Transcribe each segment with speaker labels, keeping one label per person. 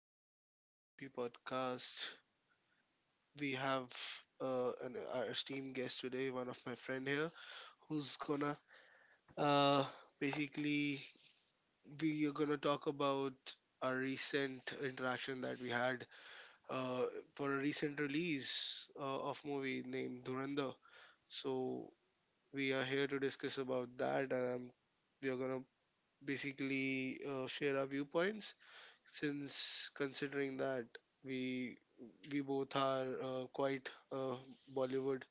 Speaker 1: guys, welcome to TP Podcast. We have our esteemed guest today, one of my friend here, who's gonna uh, basically we are gonna talk about our recent interaction that we had uh, for a recent release of movie named Duranda. So we are here to discuss about that, and we are gonna basically share our viewpoints, since considering that we we both are quite Bollywood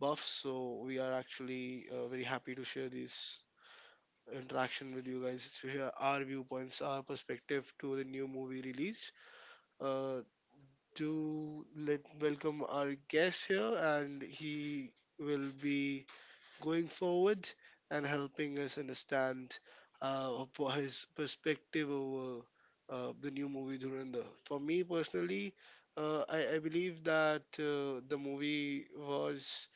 Speaker 1: buffs, so we are actually very happy to share this interaction with you guys, to hear our viewpoints, our perspective to the new movie released. Uh, to let welcome our guest here, and he will be going forward and helping us understand for his perspective over the new movie Dhurandhar. For me personally, I believe that the movie was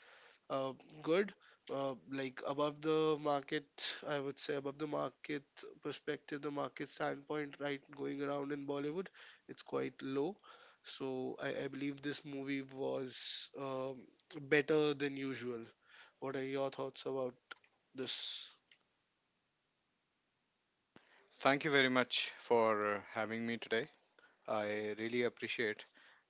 Speaker 1: uh, good, like above the market. I would say, above the market perspective, the market standpoint, right, going around in Bollywood, it's quite low. So I believe this movie was better than usual. What are your thoughts about this?
Speaker 2: Thank you very much for having me today. I really appreciate,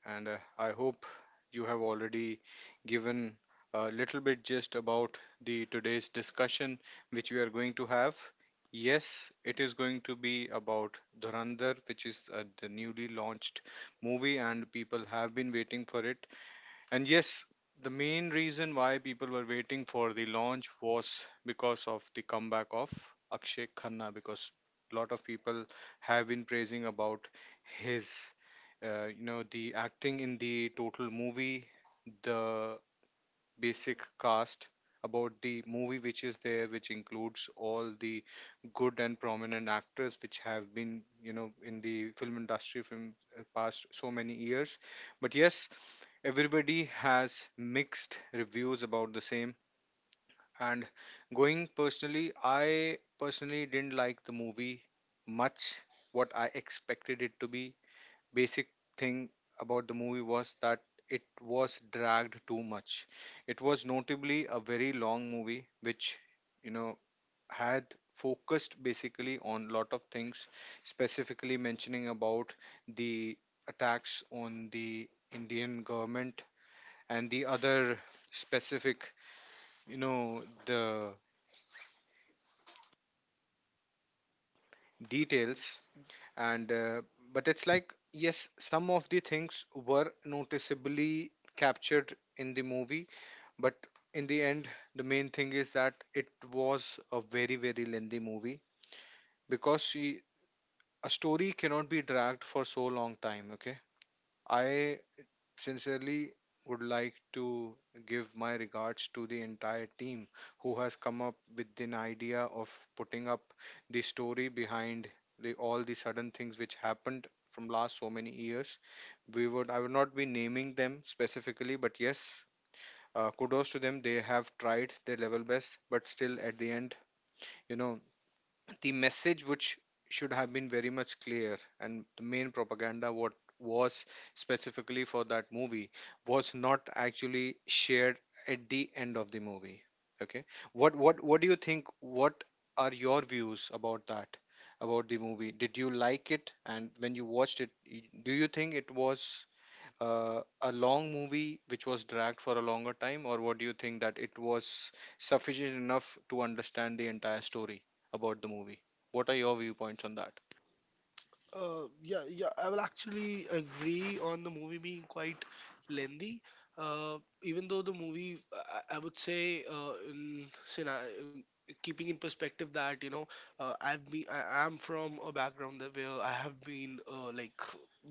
Speaker 2: and I hope you have already given a little bit just about the today's discussion which we are going to have. Yes, it is going to be about Dhurandhar, which is the newly launched movie, and people have been waiting for it. And yes, the main reason why people were waiting for the launch was because of the comeback of Akshay Khanna, because a lot of people have been praising about his, the acting in the total movie, the basic cast about the movie which is there, which includes all the good and prominent actors which have been, in the film industry from past so many years. But yes, everybody has mixed reviews about the same. And going personally, I personally didn't like the movie much what I expected it to be. Basic thing about the movie was that it was dragged too much. It was notably a very long movie, which, you know, had focused basically on lot of things, specifically mentioning about the attacks on the Indian government and the other specific, the details. And but it's like, yes, some of the things were noticeably captured in the movie, but in the end, the main thing is that it was a very, very lengthy movie because she, a story cannot be dragged for so long time. Okay, I sincerely would like to give my regards to the entire team who has come up with an idea of putting up the story behind the all the sudden things which happened from last so many years. We would i would not be naming them specifically, but yes, kudos to them. They have tried their level best, but still at the end, you know the message which should have been very much clear and the main propaganda what was specifically for that movie was not actually shared at the end of the movie. Okay, what do you think? What are your views about that? About the movie, did you like it? And when you watched it, do you think it was a long movie which was dragged for a longer time, or what do you think that it was sufficient enough to understand the entire story about the movie? What are your viewpoints on that?
Speaker 1: Yeah, yeah, I will actually agree on the movie being quite lengthy. Even though the movie, I would say, keeping in perspective that, you know, I am from a background that where I have been like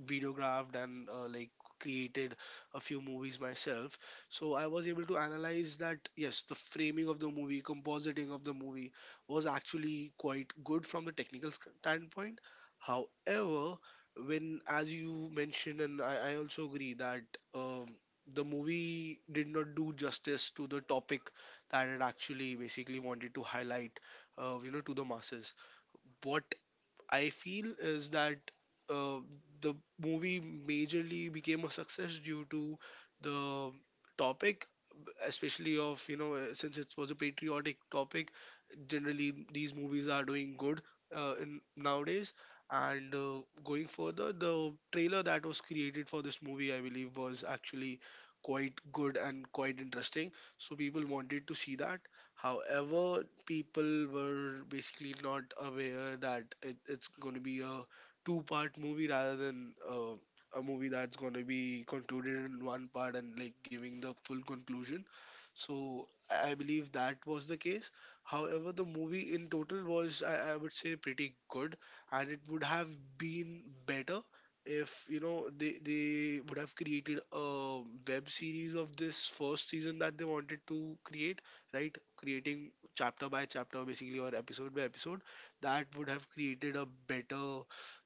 Speaker 1: videographed and like created a few movies myself. So I was able to analyze that, yes, the framing of the movie, compositing of the movie was actually quite good from the technical standpoint. However, when, as you mentioned, and I also agree that, um, the movie did not do justice to the topic that it actually basically wanted to highlight, to the masses. What I feel is that uh, the movie majorly became a success due to the topic, especially of, since it was a patriotic topic. Generally these movies are doing good in nowadays. And going further, the trailer that was created for this movie, I believe, was actually quite good and quite interesting, so people wanted to see that. However, people were basically not aware that it's going to be a two-part movie, rather than a movie that's going to be concluded in one part and like giving the full conclusion. So I believe that was the case. However, the movie in total was, I would say, pretty good, and it would have been better if, they would have created a web series of this first season that they wanted to create, right? Creating chapter by chapter, basically, or episode by episode, that would have created a better,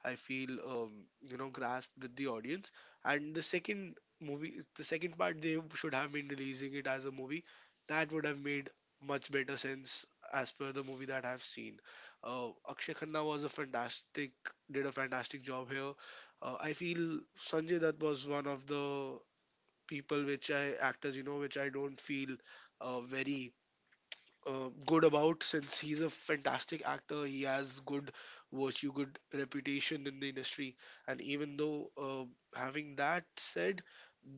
Speaker 1: I feel, grasp with the audience. And the second movie, the second part, they should have been releasing it as a movie. That would have made much better sense, as per the movie that I've seen. Akshay Khanna was a fantastic, did a fantastic job here. I feel Sanjay Dutt was one of the people which I actors, which I don't feel very good about, since he's a fantastic actor. He has good virtue, good reputation in the industry. And even though, having that said,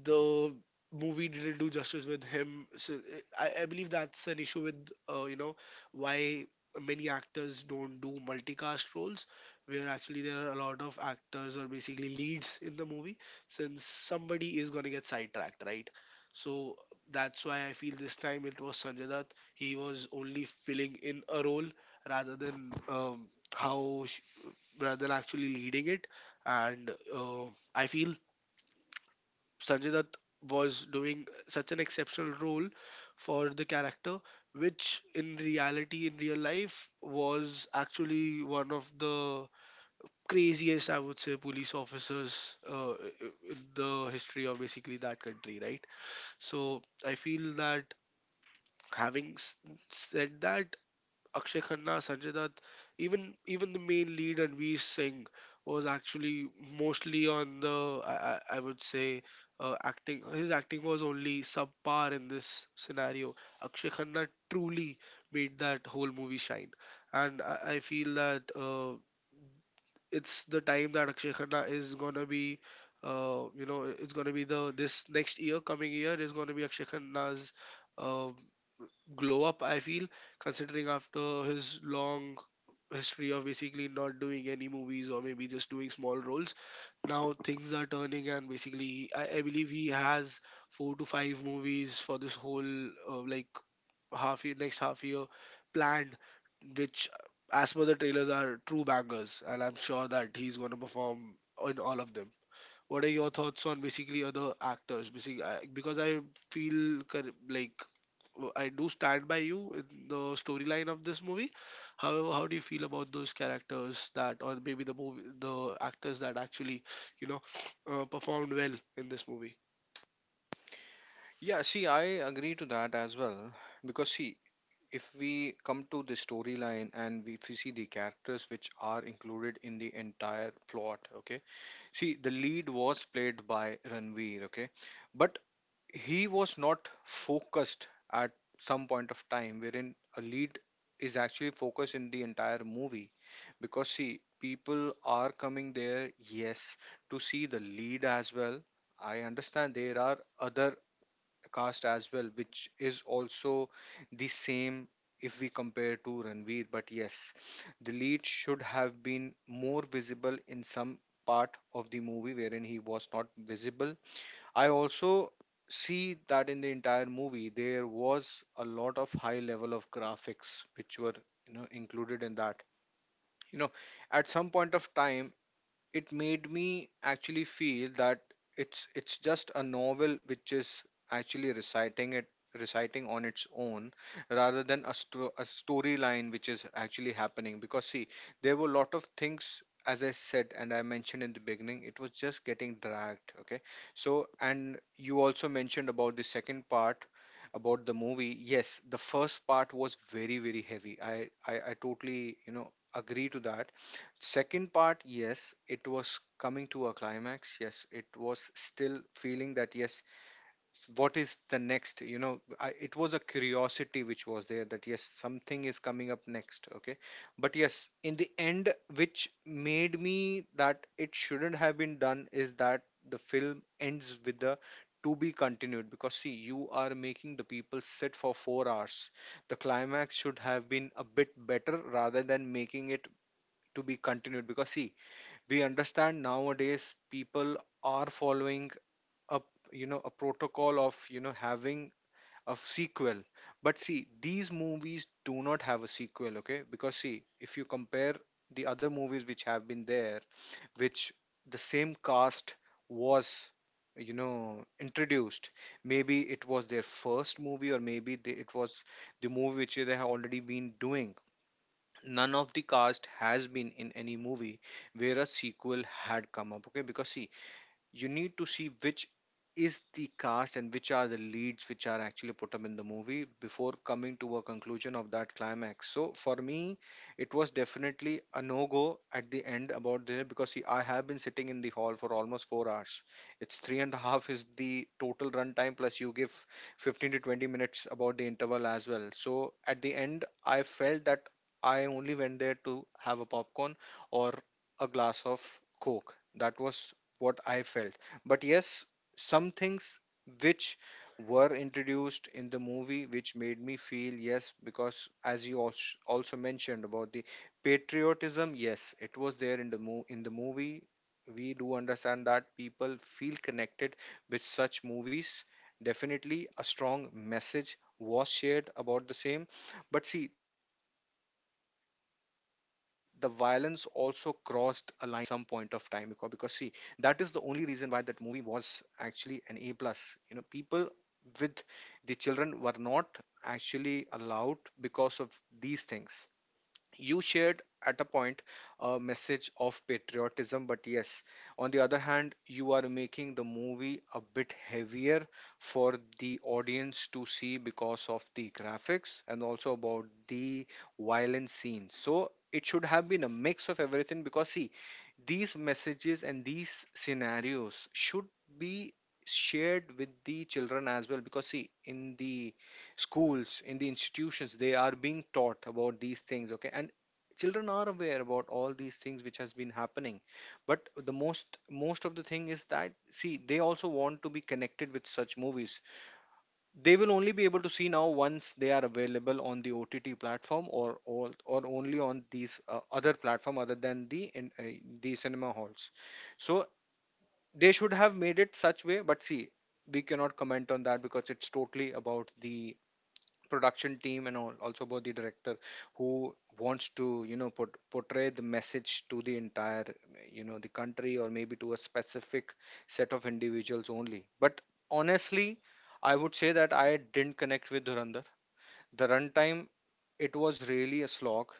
Speaker 1: the movie didn't do justice with him. So I believe that's an issue with, uh, you know why many actors don't do multicast roles, where actually there are a lot of actors or basically leads in the movie, since somebody is going to get sidetracked, right? So that's why I feel this time it was Sanjay Dutt. He was only filling in a role, rather than how sh- rather than actually leading it. And I feel Sanjay Dutt was doing such an exceptional role for the character, which in reality, in real life, was actually one of the craziest, I would say, police officers uh, in the history of basically that country, right? So I feel that, having s- said that, Akshay Khanna, Sanjay Dutt, even the main lead and Veer Singh was actually mostly on the I would say acting. His acting was only subpar in this scenario. Akshay Khanna truly made that whole movie shine, and I feel that it's the time that Akshay Khanna is gonna be. It's gonna be the this next year. Coming year is gonna be Akshay Khanna's uh, glow up, I feel, considering after his long history of basically not doing any movies, or maybe just doing small roles. Now things are turning, and basically, I believe he has four to five movies for this whole uh, like half year, next half year planned, which, as per the trailers, are true bangers, and I'm sure that he's going to perform in all of them. What are your thoughts on basically other actors? Basically, because I feel, like I do stand by you in the storyline of this movie. However, how do you feel about those characters that, or maybe the movie, the actors that actually, you know, performed well in this movie?
Speaker 2: Yeah, see, I agree to that as well because see, if we come to the storyline and if we see the characters which are included in the entire plot, okay, see, the lead was played by Ranveer, okay, but he was not focused at some point of time wherein a lead is actually focused in the entire movie because see, people are coming there, yes, to see the lead as well. I understand there are other cast as well which is also the same if we compare to Ranveer, but yes, the lead should have been more visible in some part of the movie wherein he was not visible. I also see that in the entire movie there was a lot of high level of graphics which were included in that. You know, at some point of time, it made me actually feel that it's just a novel which is actually reciting it, reciting on its own rather than a storyline which is actually happening because see, there were a lot of things as I said, and I mentioned in the beginning, it was just getting dragged. Okay, so and you also mentioned about the second part about the movie. Yes, the first part was very, very heavy. I totally agree to that. Second part, yes, it was coming to a climax. Yes, it was still feeling that, yes, what is the next? It was a curiosity which was there that, yes, something is coming up next. Okay. But yes, in the end, which made me that it shouldn't have been done is that the film ends with the to be continued because see, you are making the people sit for 4 hours. The climax should have been a bit better rather than making it to be continued because see, we understand nowadays people are following up a protocol of having a sequel. But see, these movies do not have a sequel. Okay, because see, if you compare the other movies which have been there, which the same cast was introduced, maybe it was their first movie, or maybe it was the movie which they have already been doing. None of the cast has been in any movie where a sequel had come up. Okay, because see, you need to see which is the cast and which are the leads which are actually put up in the movie before coming to a conclusion of that climax. So for me, it was definitely a no go at the end about there because see, I have been sitting in the hall for almost 4 hours. It's three and a half is the total run time, plus you give 15 to 20 minutes about the interval as well. So at the end, I felt that I only went there to have a popcorn or a glass of coke. That was what I felt. But yes, some things which were introduced in the movie which made me feel yes because as you also mentioned about the patriotism, yes, it was there in the in the movie. We do understand that people feel connected with such movies. Definitely a strong message was shared about the same, but see, the violence also crossed a line at some point of time because see, that is the only reason why that movie was actually an A plus. People with the children were not actually allowed because of these things. You shared at a point a message of patriotism, but yes, on the other hand, you are making the movie a bit heavier for the audience to see because of the graphics and also about the violent scenes. So it should have been a mix of everything because see, these messages and these scenarios should be shared with the children as well because see, in the schools, in the institutions, they are being taught about these things, okay, and children are aware about all these things which has been happening, but the most of the thing is that see, they also want to be connected with such movies. They will only be able to see now once they are available on the OTT platform, or or only on these other platform other than the cinema halls. So they should have made it such way, but see, we cannot comment on that because it's totally about the production team and all, also about the director who wants to portray the message to the entire the country, or maybe to a specific set of individuals only. But honestly, I would say that I didn't connect with Dhurandhar. The runtime, it was really a slog,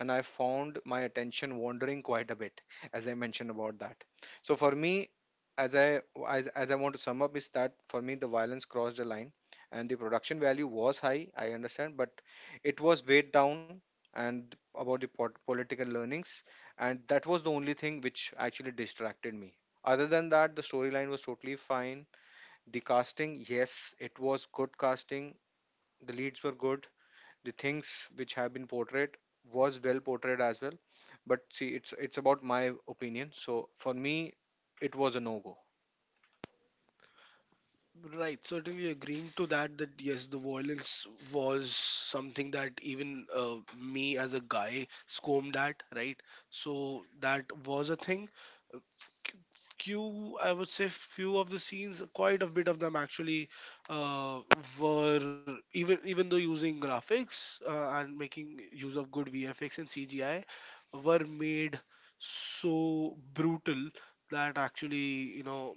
Speaker 2: and I found my attention wandering quite a bit, as I mentioned about that. So for me, as I want to sum up, is that for me the violence crossed the line, and the production value was high. I understand, but it was weighed down and about the political learnings, and that was the only thing which actually distracted me. Other than that, the storyline was totally fine. The casting, yes, it was good casting. The leads were good, the things which have been portrayed was well portrayed as well. But see, it's about my opinion, so for me it was a no go.
Speaker 1: Right, certainly agreeing to that, that, yes, the violence was something that even me as a guy scomed at, right? So that was a thing. Uh, Few, I would say, few of the scenes, quite a bit of them actually, uh, were, even though using graphics and making use of good VFX and CGI, were made so brutal that actually,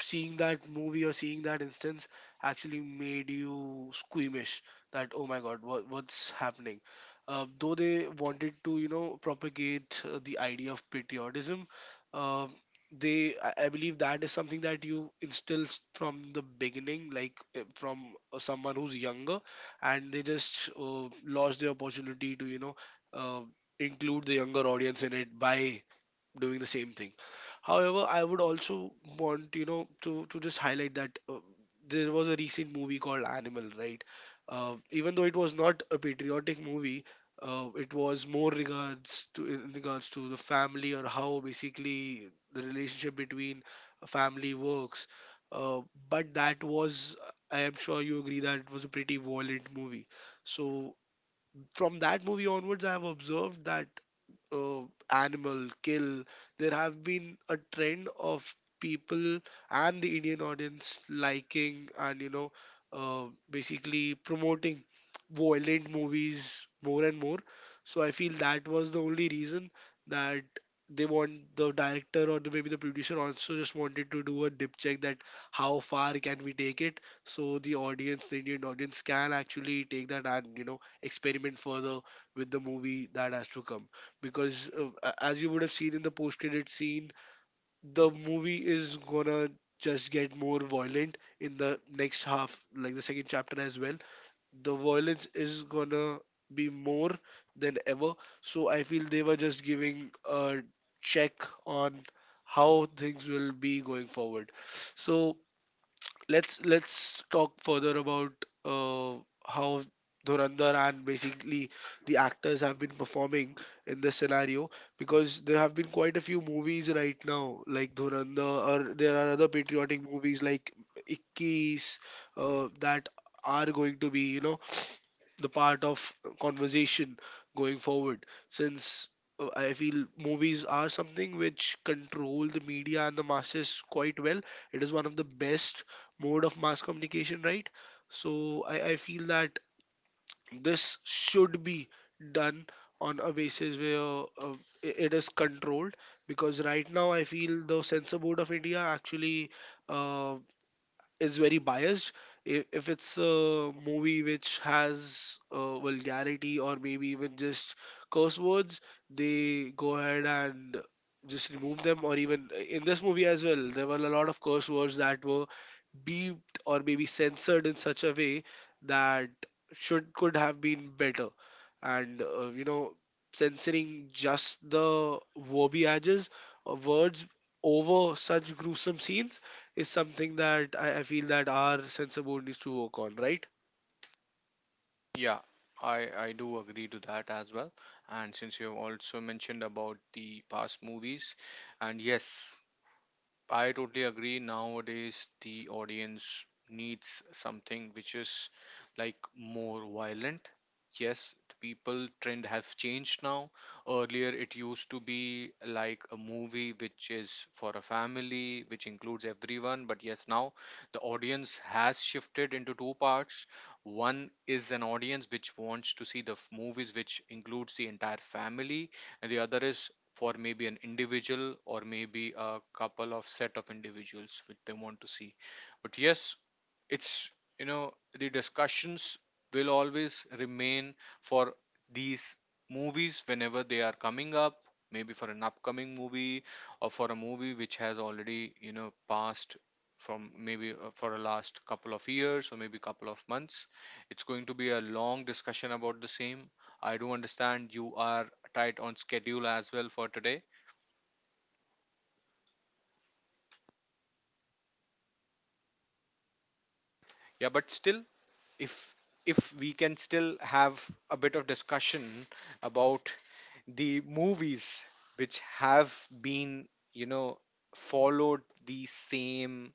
Speaker 1: seeing that movie or seeing that instance actually made you squeamish, that oh my god, what's happening. Uh, though they wanted to, propagate the idea of patriotism. Um they I, I believe that is something that you instill from the beginning, like from someone who's younger, and they just lost the opportunity to, uh, include the younger audience in it by doing the same thing. However, I would also want, to just highlight that there was a recent movie called Animal, right? Even though it was not a patriotic movie, it was more regards to in regards to the family, or how basically the relationship between a family works. Uh, but that was, I am sure you agree that it was a pretty violent movie. So from that movie onwards, I have observed that uh, animal kill there have been a trend of people and the Indian audience liking and, basically promoting violent movies, more and more. So I feel that was the only reason, that they want the director, or maybe the producer also, just wanted to do a dip check, that how far can we take it, so the audience, the Indian audience, can actually take that and, experiment further with the movie that has to come. Because as you would have seen in the post credit scene, the movie is gonna just get more violent in the next half, like the second chapter as well. The violence is gonna be more than ever. So I feel they were just giving a check on how things will be going forward. So let's talk further about uh, how Dhurandhar, and basically the actors, have been performing in this scenario, because there have been quite a few movies right now like Dhurandhar, or there are other patriotic movies like Ikkis, that are going to be, the part of conversation going forward. Since I feel movies are something which control the media and the masses quite well, it is one of the best mode of mass communication, right? So I feel that this should be done on a basis where it is controlled. Because right now, I feel the censor board of India actually uh, is very biased. If it's a movie which has vulgarity, or maybe even just curse words, they go ahead and just remove them. Or even in this movie as well, there were a lot of curse words that were beeped or maybe censored in such a way that should, could have been better. And censoring just the verbiages or words over such gruesome scenes is something that I feel that our censor board needs to work on, right?
Speaker 2: Yeah, I I do agree to that as well. And since you have also mentioned about the past movies, and yes, I totally agree. Nowadays, the audience needs something which is like more violent. Yes, the people trend have changed now. Earlier, it used to be like a movie which is for a family, which includes everyone. But yes, now the audience has shifted into two parts. One is an audience which wants to see the movies which includes the entire family, and the other is for maybe an individual or maybe a couple of set of individuals which they want to see. But yes, it's you know the discussions will always remain for these movies whenever they are coming up, maybe for an upcoming movie or for a movie which has already passed from maybe for a last couple of years or maybe couple of months. It's going to be a long discussion about the same. I do understand you are tight on schedule as well for today. Yeah, but still, if if we can still have a bit of discussion about the movies which have been, you know, followed the same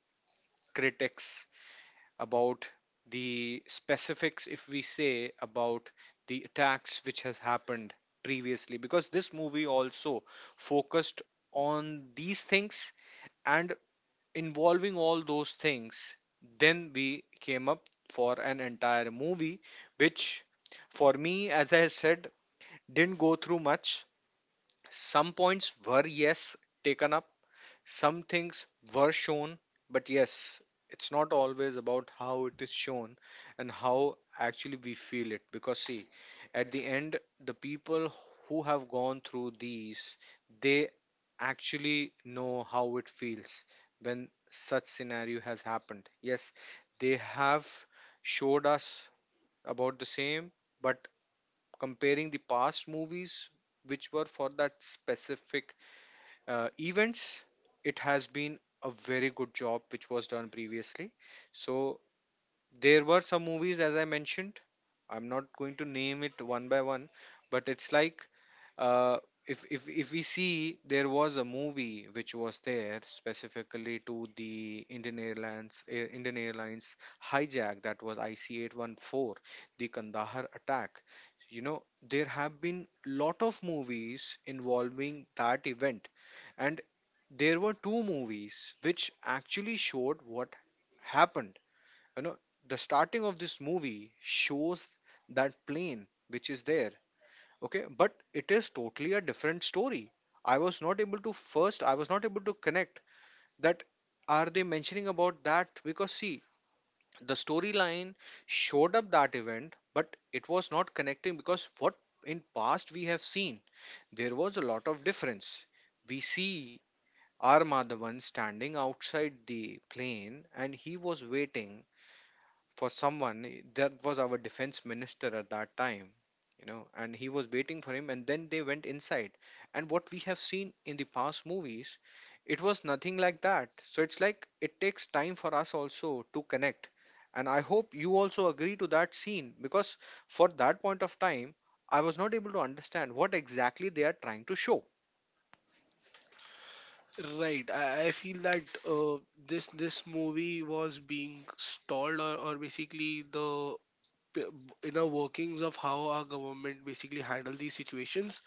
Speaker 2: critics about the specifics, if we say, about the attacks which has happened previously, because this movie also focused on these things and involving all those things, then we came up for an entire movie which for me, as I said, didn't go through much. Some points were, yes, taken up, some things were shown, but yes, it's not always about how it is shown and how actually we feel it. Because, see, at the end, the people who have gone through these, they actually know how it feels when such scenario has happened. Yes, they have showed us about the same, but comparing the past movies which were for that specific events, it has been a very good job which was done previously. So there were some movies, as I mentioned, I'm not going to name it one by one, but it's like, uh, if we see, there was a movie which was there specifically to the Indian Airlines, Indian Airlines hijack. That was IC 814, the Kandahar attack. You know, there have been lot of movies involving that event, and there were two movies which actually showed what happened. you know the starting of this movie shows that plane which is there. Okay, but it is totally a different story. I was not able to connect that are they mentioning about that because see, the storyline showed up that event, but it was not connecting because what in past we have seen, there was a lot of difference. We see R Madhavan standing outside the plane, and he was waiting for someone, that was our defense minister at that time, and he was waiting for him, and then they went inside, and what we have seen in the past movies, it was nothing like that. So it's like it takes time for us also to connect, and I hope you also agree to that scene because for that point of time I was not able to understand what exactly they are trying to show.
Speaker 1: Right. I feel that uh, this movie was being stalled, or, basically the p- inner workings of how our government basically handle these situations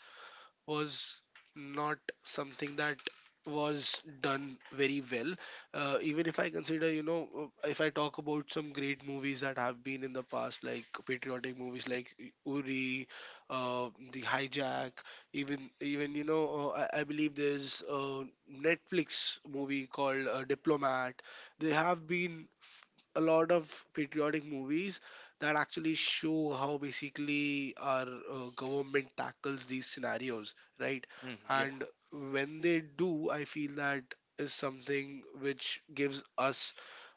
Speaker 1: was not something that was done very well. Even if I consider, if I talk about some great movies that have been in the past, like patriotic movies like Uri, The Hijack, even I believe there's a Netflix movie called Diplomat. They have been a lot of patriotic movies that actually show how basically our government tackles these scenarios, right?
Speaker 2: Mm, yeah,
Speaker 1: And when they do, I feel that is something which gives us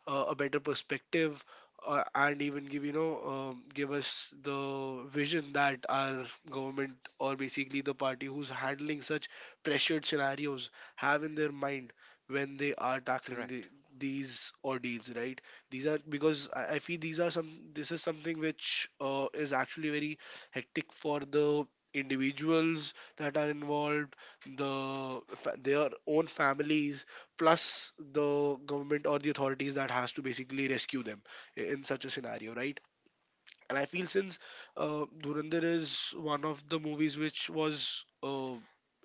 Speaker 1: a better perspective and even give you know give us the vision that our government or basically the party who's handling such pressured scenarios have in their mind when they are tackling
Speaker 2: correct.
Speaker 1: these ordeals, right? These are because I feel these are some this is something which is actually very hectic for the individuals that are involved, their own families, plus the government or the authorities that has to basically rescue them in such a scenario, right? And I feel since Dhurandhar is one of the movies which was uh,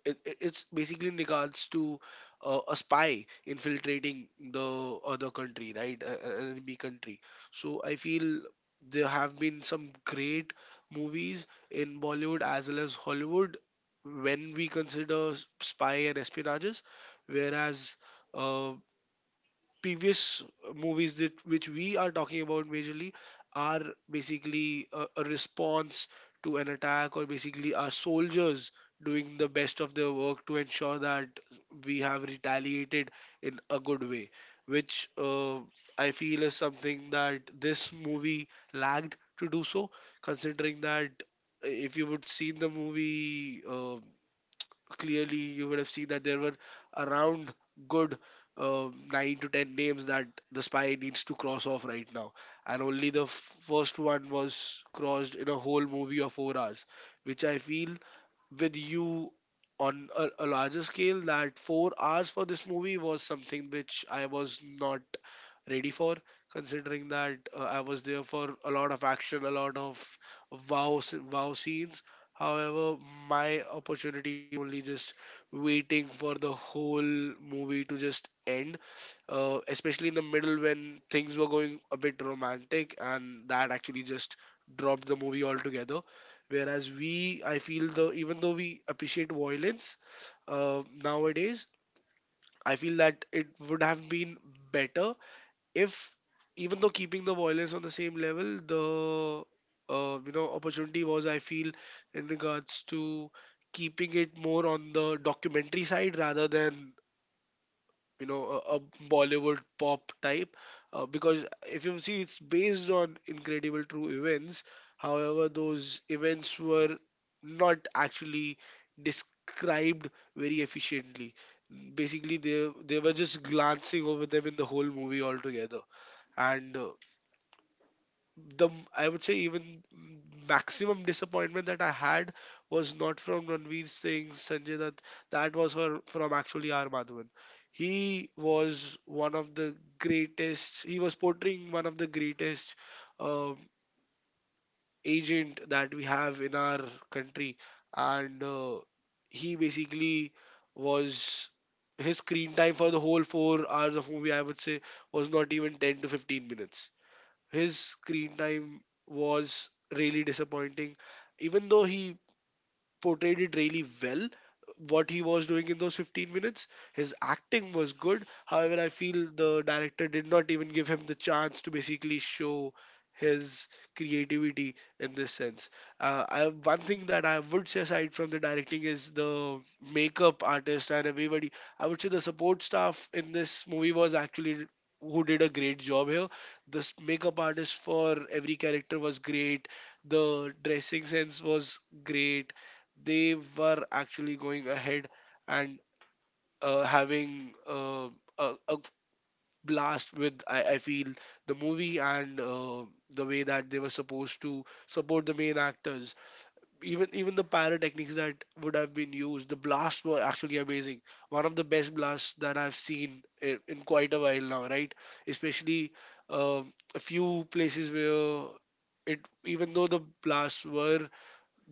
Speaker 1: it, it- it's basically in regards to a spy infiltrating the other country, right? An enemy country. So I feel there have been some great movies in Bollywood as well as Hollywood when we consider spy and espionages, whereas uh, previous movies that which we are talking about majorly are basically a response to an attack, or basically our soldiers doing the best of their work to ensure that we have retaliated in a good way, which I feel is something that this movie lagged to do so, considering that if you would seen the movie clearly you would have seen that there were around good 9 to 10 names that the spy needs to cross off right now, and only the first one was crossed in a whole movie of 4 hours, which I feel with you on a larger scale. That 4 hours for this movie was something which I was not ready for, considering that I was there for a lot of action, a lot of wow scenes. However, my opportunity only just waiting for the whole movie to just end, especially in the middle when things were going a bit romantic, and that actually just dropped the movie altogether. Whereas I feel though, even though we appreciate violence nowadays, I feel that it would have been better if, even though keeping the violence on the same level, the opportunity was, I feel, in regards to keeping it more on the documentary side rather than a bollywood pop type, because if you see it's based on incredible true events. However those events were not actually described very efficiently. Basically they were just glancing over them in the whole movie altogether. And the I would say even maximum disappointment that I had was not from Ranveer Singh, Sanjay Dutt. That was from actually R. Madhavan. He was one of the greatest. He was portraying one of the greatest um agent that we have in our country, and he basically was, his screen time for the whole 4 hours of movie, I would say, was not even 10 to 15 minutes. His screen time was really disappointing, even though he portrayed it really well. What he was doing in those 15 minutes, his acting was good. However I feel the director did not even give him the chance to basically show his creativity in this sense. One thing that I would say aside from the directing is the makeup artist and everybody. I would say the support staff in this movie was actually who did a great job here. The makeup artist for every character was great, the dressing sense was great. They were actually going ahead and uh, having uh, a blast with, I feel, the movie, and the way that they were supposed to support the main actors. Even the pyrotechnics that would have been used, the blasts were actually amazing, one of the best blasts that I've seen in quite a while now, right? Especially a few places where it, even though the blasts were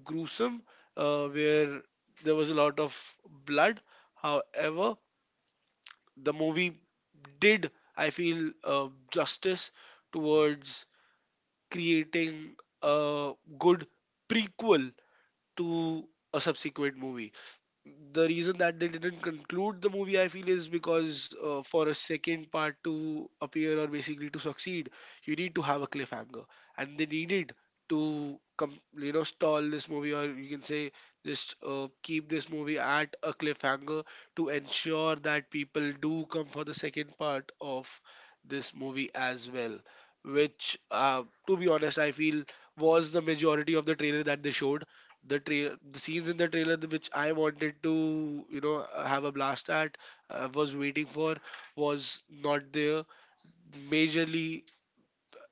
Speaker 1: gruesome, where there was a lot of blood. However, the movie did, I feel, justice towards creating a good prequel to a subsequent movie. The reason that they didn't conclude the movie, I feel, is because for a second part to appear or basically to succeed, you need to have a cliffhanger, and they needed to stall this movie, or you can say just keep this movie at a cliffhanger to ensure that people do come for the second part of this movie as well, which to be honest I feel was the majority of the trailer that they showed. The scenes in the trailer which I wanted to have a blast at, was waiting for, was not there majorly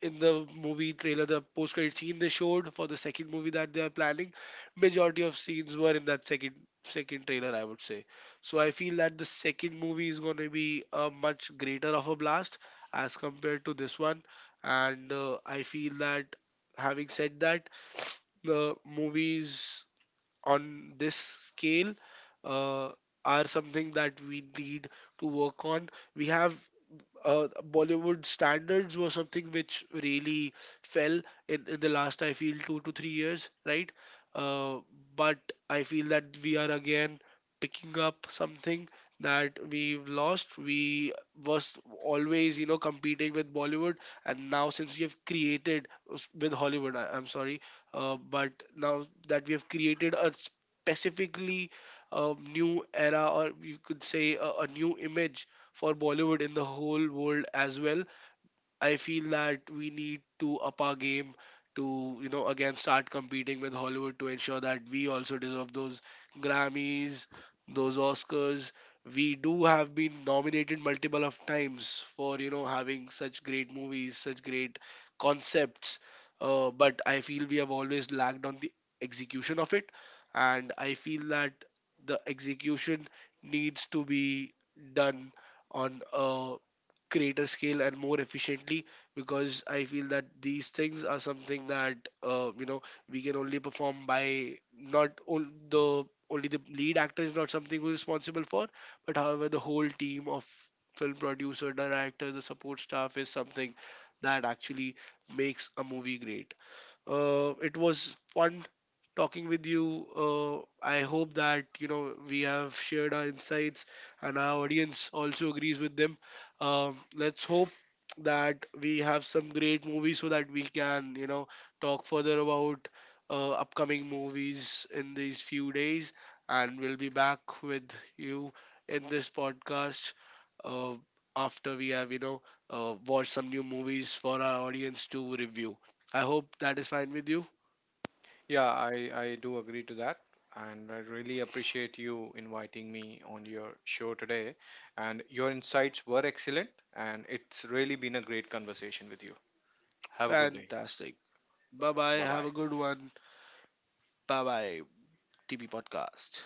Speaker 1: in the movie trailer. The post credit scene they showed for the second movie that they are planning, majority of scenes were in that second trailer, I would say. So I feel that the second movie is going to be a much greater of a blast as compared to this one. And I feel that, having said that, the movies on this scale uh, are something that we need to work on. We have Bollywood standards were something which really fell in the last, I feel, 2 to 3 years, right? Uh, but I feel that we are again picking up something that we've lost. We was always, you know, competing with Bollywood, and now since we have created with Hollywood, I'm sorry, but now that we have created a specifically new era, or you could say a new image for Bollywood in the whole world as well. I feel that we need to up our game to, you know, again start competing with Hollywood to ensure that we also deserve those Grammys, those Oscars. We do have been nominated multiple of times for, you know, having such great movies, such great concepts. But I feel we have always lagged on the execution of it. And I feel that the execution needs to be done on a greater scale and more efficiently, because I feel that these things are something that we can only perform by not on the, only the lead actor is not something we're responsible for, but however the whole team of film producer, director, the support staff is something that actually makes a movie great. It was fun talking with you. I hope that you know we have shared our insights and our audience also agrees with them. Let's hope that we have some great movies so that we can you know talk further about upcoming movies in these few days, and we'll be back with you in this podcast. Uh, after we have watched some new movies for our audience to review. I hope that is fine with you.
Speaker 2: Yeah, I do agree to that. And I really appreciate you inviting me on your show today. And your insights were excellent. And it's really been a great conversation with you. Have a good day.
Speaker 1: Fantastic. Bye bye.
Speaker 2: Bye
Speaker 1: Have
Speaker 2: bye.
Speaker 1: a good one. Bye bye. TP Podcast.